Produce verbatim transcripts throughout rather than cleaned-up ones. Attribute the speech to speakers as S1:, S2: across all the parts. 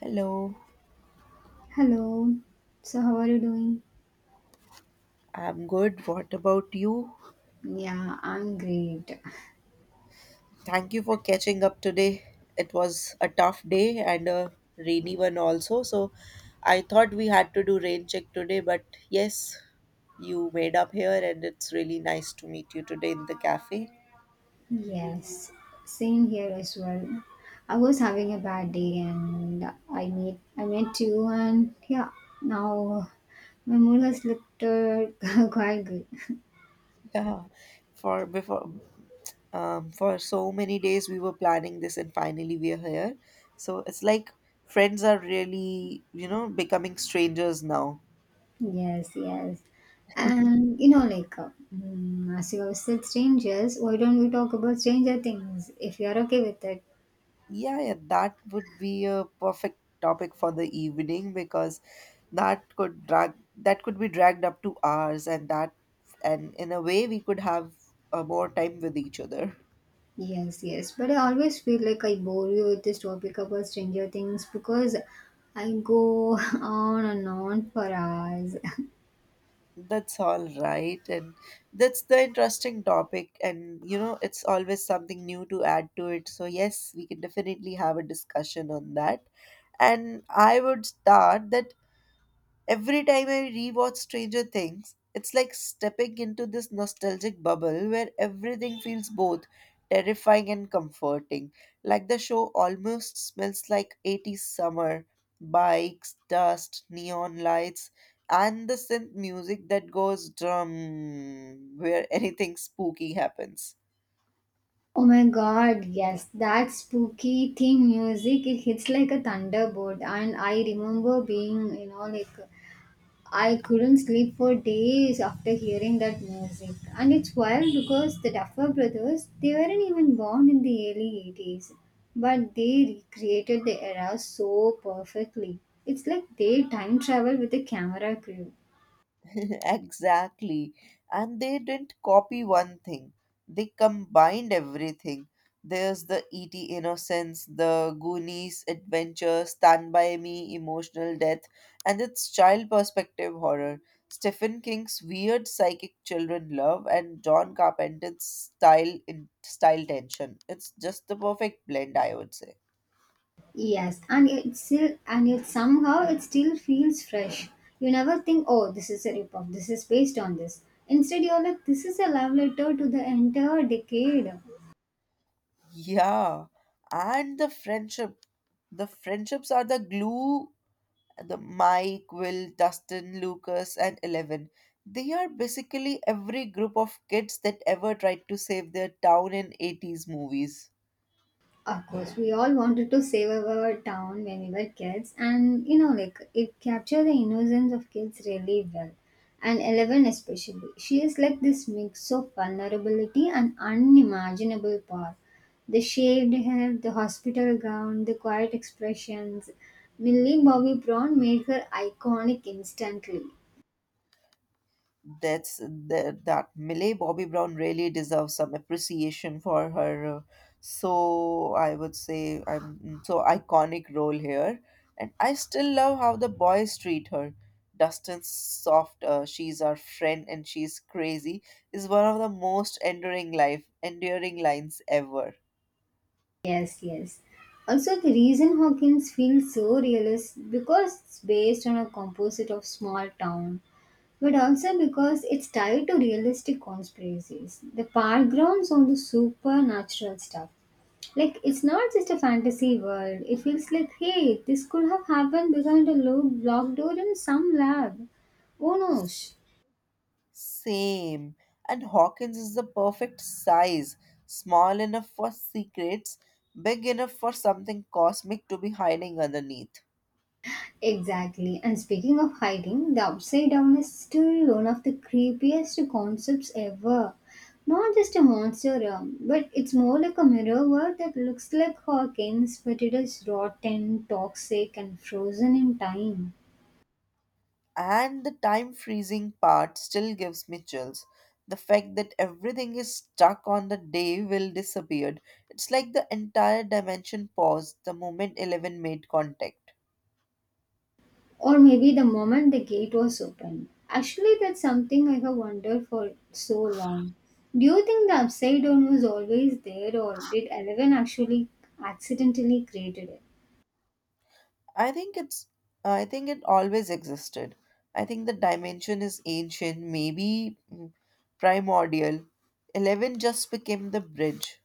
S1: Hello.
S2: Hello. So, how are you doing?
S1: I'm good. What about you?
S2: Yeah, I'm great.
S1: Thank you for catching up today. It was a tough day and a rainy one also. So I thought we had to do rain check today, but yes, you made up here and it's really nice to meet you today in the cafe.
S2: Yes, same here as well. I was having a bad day and I met I met you, and yeah, now my mood has looked uh, quite good.
S1: Yeah, for before um, for so many days we were planning this and finally we are here. So it's like friends are really, you know, becoming strangers now.
S2: Yes, yes. And you know, like, uh, mm, as you have said, strangers, why don't we talk about stranger things if you're okay with it?
S1: Yeah, yeah, that would be a perfect topic for the evening because that could drag that could be dragged up to hours and that and in a way we could have uh, more time with each other.
S2: Yes, yes. But I always feel like I bore you with this topic about Stranger Things because I go on and on for hours.
S1: That's all right. And that's the interesting topic. And, you know, it's always something new to add to it. So, yes, we can definitely have a discussion on that. And I would start that. Every time I rewatch Stranger Things, it's like stepping into this nostalgic bubble where everything feels both terrifying and comforting. Like the show almost smells like eighties summer, bikes, dust, neon lights, and the synth music that goes drum where anything spooky happens.
S2: Oh my god, yes, that spooky theme music, it hits like a thunderbolt. And I remember being, you know, like I couldn't sleep for days after hearing that music. And it's wild because the Duffer brothers, they weren't even born in the early eighties, but they recreated the era so perfectly. It's like they time travel with a camera crew.
S1: Exactly. And they didn't copy one thing, they combined everything. There's the E T. innocence, the Goonies adventure, Stand By Me, emotional death, and its child perspective horror. Stephen King's weird psychic children love and John Carpenter's style in style tension. It's just the perfect blend, I would say.
S2: Yes, and it still and yet somehow it still feels fresh. You never think, oh, this is a ripoff. This is based on this. Instead, you're like, this is a love letter to the entire decade.
S1: Yeah, and the friendship. The friendships are the glue, the Mike, Will, Dustin, Lucas, and Eleven. They are basically every group of kids that ever tried to save their town in eighties movies.
S2: Of course, we all wanted to save our town when we were kids, and you know, like it captured the innocence of kids really well. And Eleven, especially, she is like this mix of vulnerability and unimaginable power. The shaved head, the hospital gown, the quiet expressions. Millie Bobby Brown made her iconic instantly.
S1: That's that, that Millie Bobby Brown really deserves some appreciation for her uh, so I would say I'm so iconic role here, and I still love how the boys treat her. Dustin's soft uh, she's our friend and she's crazy is one of the most enduring life enduring lines ever.
S2: Yes, yes. Also, the reason Hawkins feels so real is because it's based on a composite of small town. But also because it's tied to realistic conspiracies, the backgrounds on the supernatural stuff. Like it's not just a fantasy world. It feels like, hey, this could have happened behind a low block door in some lab. Who knows?
S1: Same. And Hawkins is the perfect size. Small enough for secrets, big enough for something cosmic to be hiding underneath.
S2: Exactly. And speaking of hiding, the upside down is still one of the creepiest concepts ever. Not just a monster realm, but it's more like a mirror world that looks like Hawkins, but it is rotten, toxic, and frozen in time.
S1: And the time freezing part still gives me chills. The fact that everything is stuck on the day Will disappeared. It's like the entire dimension paused the moment Eleven made contact.
S2: Or maybe the moment the gate was opened. Actually, that's something I have wondered for so long. Do you think the upside down was always there, or did Eleven actually accidentally created it?
S1: I think it's I think it always existed. I think the dimension is ancient, maybe mm, primordial. eleven just became the bridge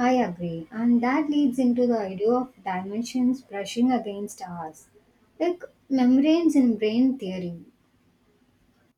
S2: I agree, and that leads into the idea of dimensions brushing against ours, like membranes in brain theory.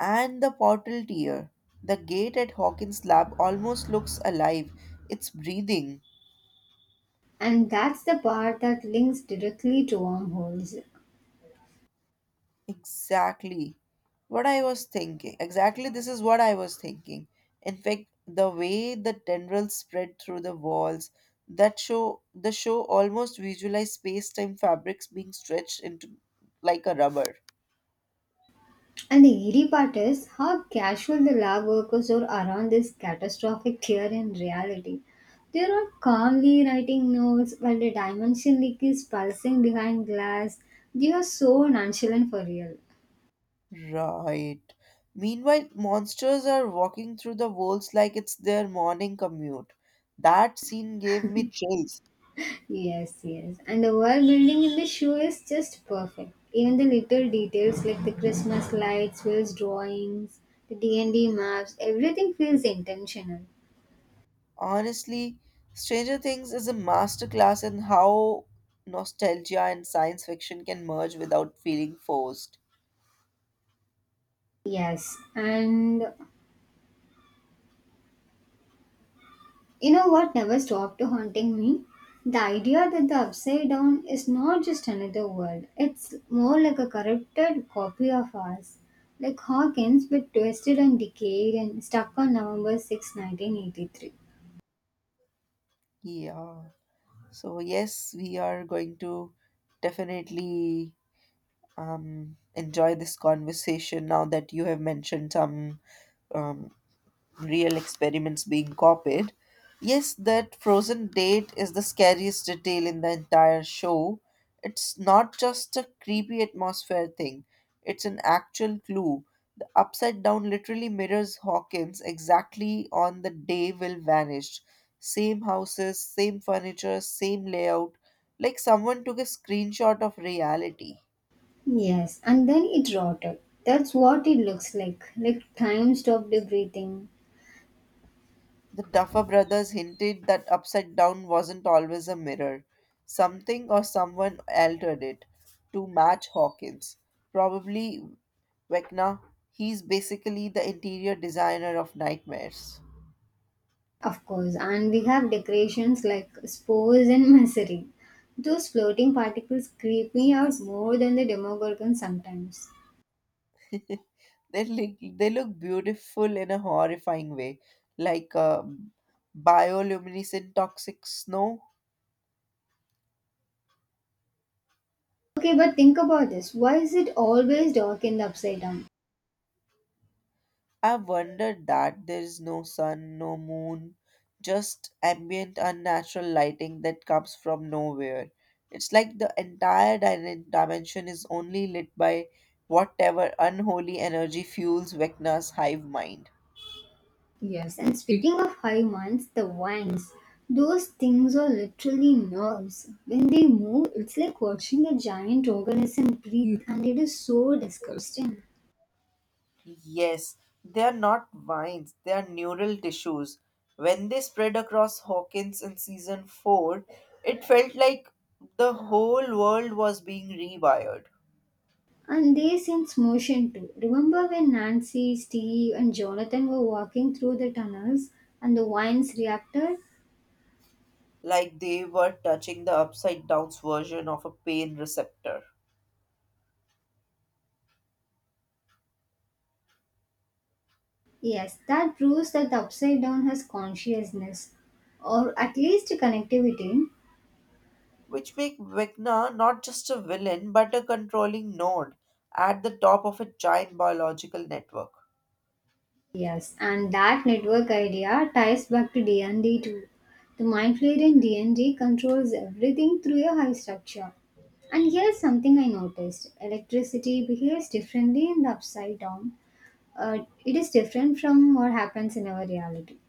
S1: and the portal tier. The gate at Hawkins Lab almost looks alive. It's breathing.
S2: And that's the part that links directly to wormholes.
S1: Exactly what I was thinking. Exactly, this is what I was thinking. In fact, the way the tendrils spread through the walls, that show the show almost visualize space-time fabrics being stretched into like a rubber.
S2: And the eerie part is how casual the lab workers are around this catastrophic here in reality. They are not calmly writing notes while the dimension leak is pulsing behind glass. They are so nonchalant for real.
S1: Right. Meanwhile, monsters are walking through the walls like it's their morning commute. That scene gave me chills.
S2: Yes, yes. And the world building in the show is just perfect. Even the little details like the Christmas lights, Will's drawings, the D and D maps, everything feels intentional.
S1: Honestly, Stranger Things is a masterclass in how nostalgia and science fiction can merge without feeling forced.
S2: Yes, and you know what never stopped haunting me? The idea that the Upside Down is not just another world, it's more like a corrupted copy of ours. Like Hawkins, but twisted and decayed and stuck on November sixth, nineteen eighty-three.
S1: Yeah. So, yes, we are going to definitely um, enjoy this conversation now that you have mentioned some um, real experiments being copied. Yes, that frozen date is the scariest detail in the entire show. It's not just a creepy atmosphere thing, it's an actual clue. The upside down literally mirrors Hawkins exactly on the day Will vanished. Same houses, same furniture, same layout, like someone took a screenshot of reality.
S2: Yes, and then it rotted. That's what it looks like. Like time stopped breathing.
S1: The Duffer brothers hinted that upside down wasn't always a mirror. Something or someone altered it to match Hawkins. Probably Vecna. He's basically the interior designer of nightmares.
S2: Of course, and we have decorations like spores and misery. Those floating particles creep me out more than the Demogorgon sometimes.
S1: They look, they look beautiful in a horrifying way, like a bioluminescent toxic snow.
S2: Okay, but think about this. Why is it always dark in the upside down?
S1: I've wondered that there is no sun, no moon, just ambient unnatural lighting that comes from nowhere. It's like the entire din- dimension is only lit by whatever unholy energy fuels Vecna's hive mind.
S2: Yes, and speaking of high minds, the vines, those things are literally nerves. When they move, it's like watching a giant organism breathe, and it is so disgusting.
S1: Yes, they are not vines, they are neural tissues. When they spread across Hawkins in season four, it felt like the whole world was being rewired.
S2: And they sense motion too. Remember when Nancy, Steve, and Jonathan were walking through the tunnels and the vines reacted?
S1: Like they were touching the upside down's version of a pain receptor,
S2: Yes, that proves that the upside down has consciousness or at least connectivity.
S1: which make Vecna not just a villain but a controlling node at the top of a giant biological network.
S2: Yes, and that network idea ties back to D and D too. The mind flayer in D and D controls everything through a high structure. And here's something I noticed, electricity behaves differently in the upside down. uh, it is different from what happens in our reality,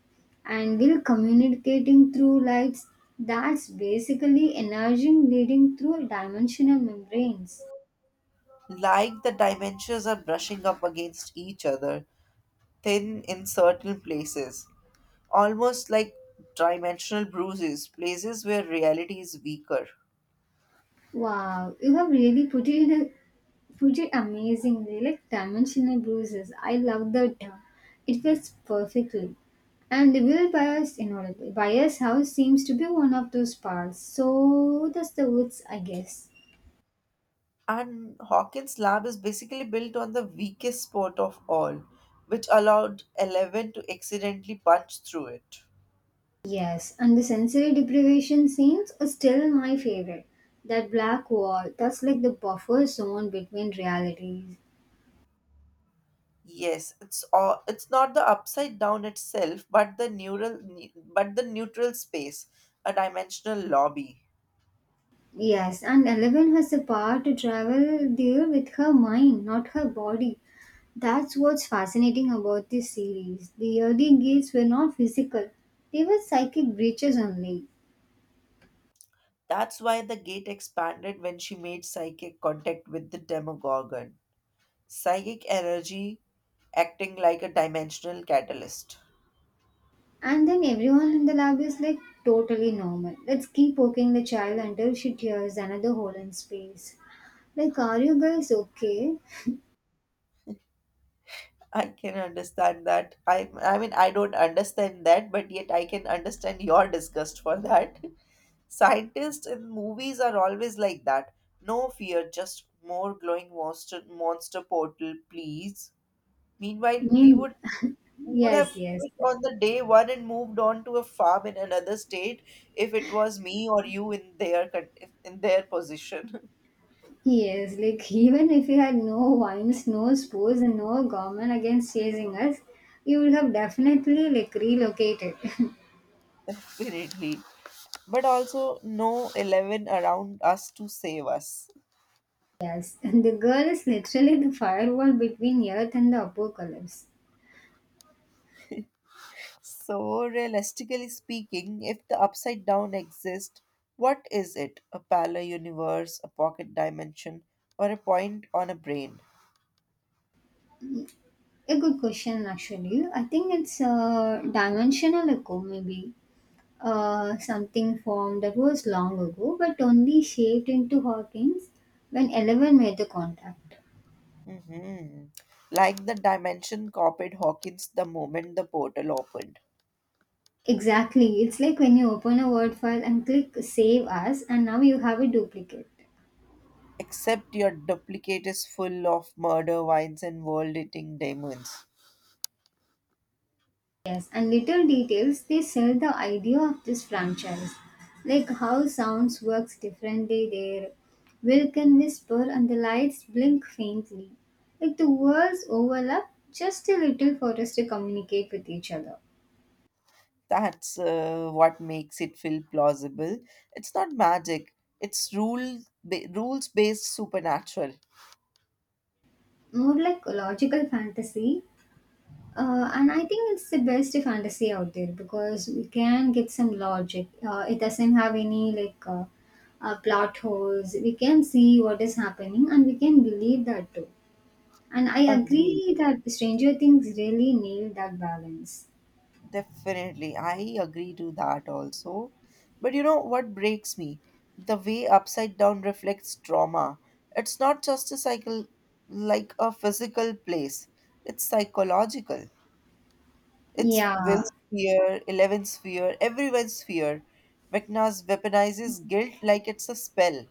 S2: and we're communicating through lights. That's basically energy leading through dimensional membranes.
S1: Like the dimensions are brushing up against each other, thin in certain places, almost like dimensional bruises, places where reality is weaker.
S2: Wow, you have really put it in a put it amazingly, like dimensional bruises. I love that term. It fits perfectly. And the Will Bias, in order Bias house seems to be one of those parts, so does the woods, I guess.
S1: And Hawkins' lab is basically built on the weakest spot of all, which allowed Eleven to accidentally punch through it.
S2: Yes, and the sensory deprivation scenes are still my favorite. That black wall, that's like the buffer zone between realities.
S1: Yes, it's all, it's not the upside down itself, but the neural ne- but the neutral space, a dimensional lobby.
S2: Yes, and Eleven has the power to travel there with her mind, not her body. That's what's fascinating about this series. The early gates were not physical, they were psychic breaches only.
S1: That's why the gate expanded when she made psychic contact with the Demogorgon. Psychic energy acting like a dimensional catalyst.
S2: And then everyone in the lab is like totally normal. Let's keep poking the child until she tears another hole in space. Like, are you guys okay?
S1: I can understand that. I I mean I don't understand that, but yet I can understand your disgust for that. Scientists in movies are always like that. No fear, just more glowing monster monster portal, please. Meanwhile, we
S2: Mean,
S1: would we would have
S2: yes, yes,
S1: quit on the day one and moved on to a farm in another state if it was me or you in their con- if- in their position.
S2: yes. Like even if you had no wines, no sports, and no government against chasing us, you would have definitely like relocated.
S1: Definitely. But also no eleven around us to save us.
S2: And the girl is literally the firewall between Earth and the apocalypse.
S1: So, realistically speaking, if the upside down exists, what is it? A parallel universe, a pocket dimension, or a point on a brain?
S2: A good question, actually. I think it's a dimensional echo, maybe. Uh, something formed that was long ago but only shaped into hurricanes when eleven made the contact.
S1: Hmm. Like the dimension copied Hawkins the moment the portal opened.
S2: Exactly. It's like when you open a Word file and click Save As, and now you have a duplicate.
S1: Except your duplicate is full of murder vines and world eating demons.
S2: Yes, and little details they sell the idea of this franchise, like how sounds works differently there. Will can whisper and the lights blink faintly, like the words overlap just a little for us to communicate with each other.
S1: That's uh, what makes it feel plausible. It's not magic, it's rule ba- rules based supernatural.
S2: More like a logical fantasy. Uh, and I think it's the best fantasy out there because we can get some logic. Uh, it doesn't have any like uh, uh, plot holes. We can see what is happening and we can believe that too. And I
S1: Agreed.
S2: agree that Stranger Things really nailed that balance.
S1: Definitely, I agree to that also. But you know what breaks me? The way upside down reflects trauma. It's not just a cycle like a physical place, it's psychological. It's
S2: Yeah,
S1: Will's fear, Eleven's fear, everyone's fear. McNa's weaponizes guilt like it's a spell.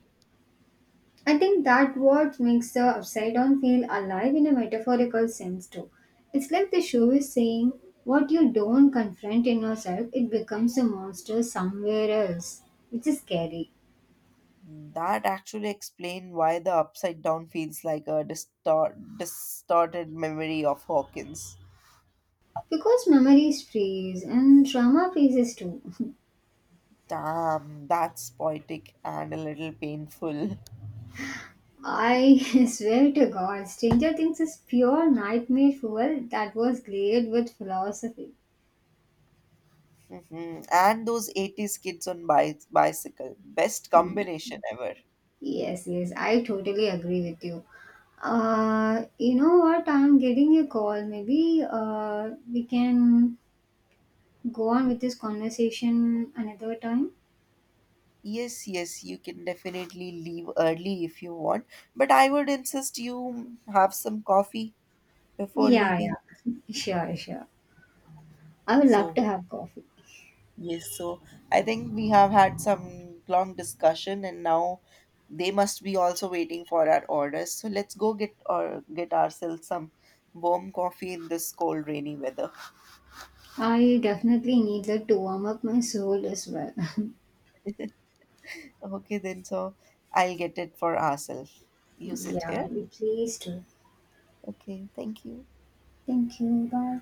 S2: I think that what makes the Upside Down feel alive in a metaphorical sense too. It's like the show is saying, what you don't confront in yourself, it becomes a monster somewhere else, which is scary.
S1: That actually explains why the upside down feels like a distor- distorted memory of Hawkins.
S2: Because memories freeze and trauma freezes too.
S1: Damn, that's poetic and a little painful.
S2: I swear to God, Stranger Things is pure nightmare fuel that was layered with philosophy.
S1: Mhm. And those eighties kids on bi- bicycle. Best combination ever.
S2: Yes, yes, I totally agree with you. Uh, you know what? I'm getting a call. Maybe uh, we can go on with this conversation another time.
S1: Yes, yes, you can definitely leave early if you want, but I would insist you have some coffee before
S2: Yeah,
S1: leaving.
S2: yeah. Sure, sure. I would love
S1: So,
S2: to have coffee.
S1: yes, so I think we have had some long discussion and now they must be also waiting for our orders. So let's go get or get ourselves some warm coffee in this cold rainy weather.
S2: I definitely need that to warm up my soul as well.
S1: Okay, then so I'll get it for ourselves. You sit
S2: Yeah,
S1: here.
S2: I please do.
S1: Okay, thank you.
S2: Thank you. Bye.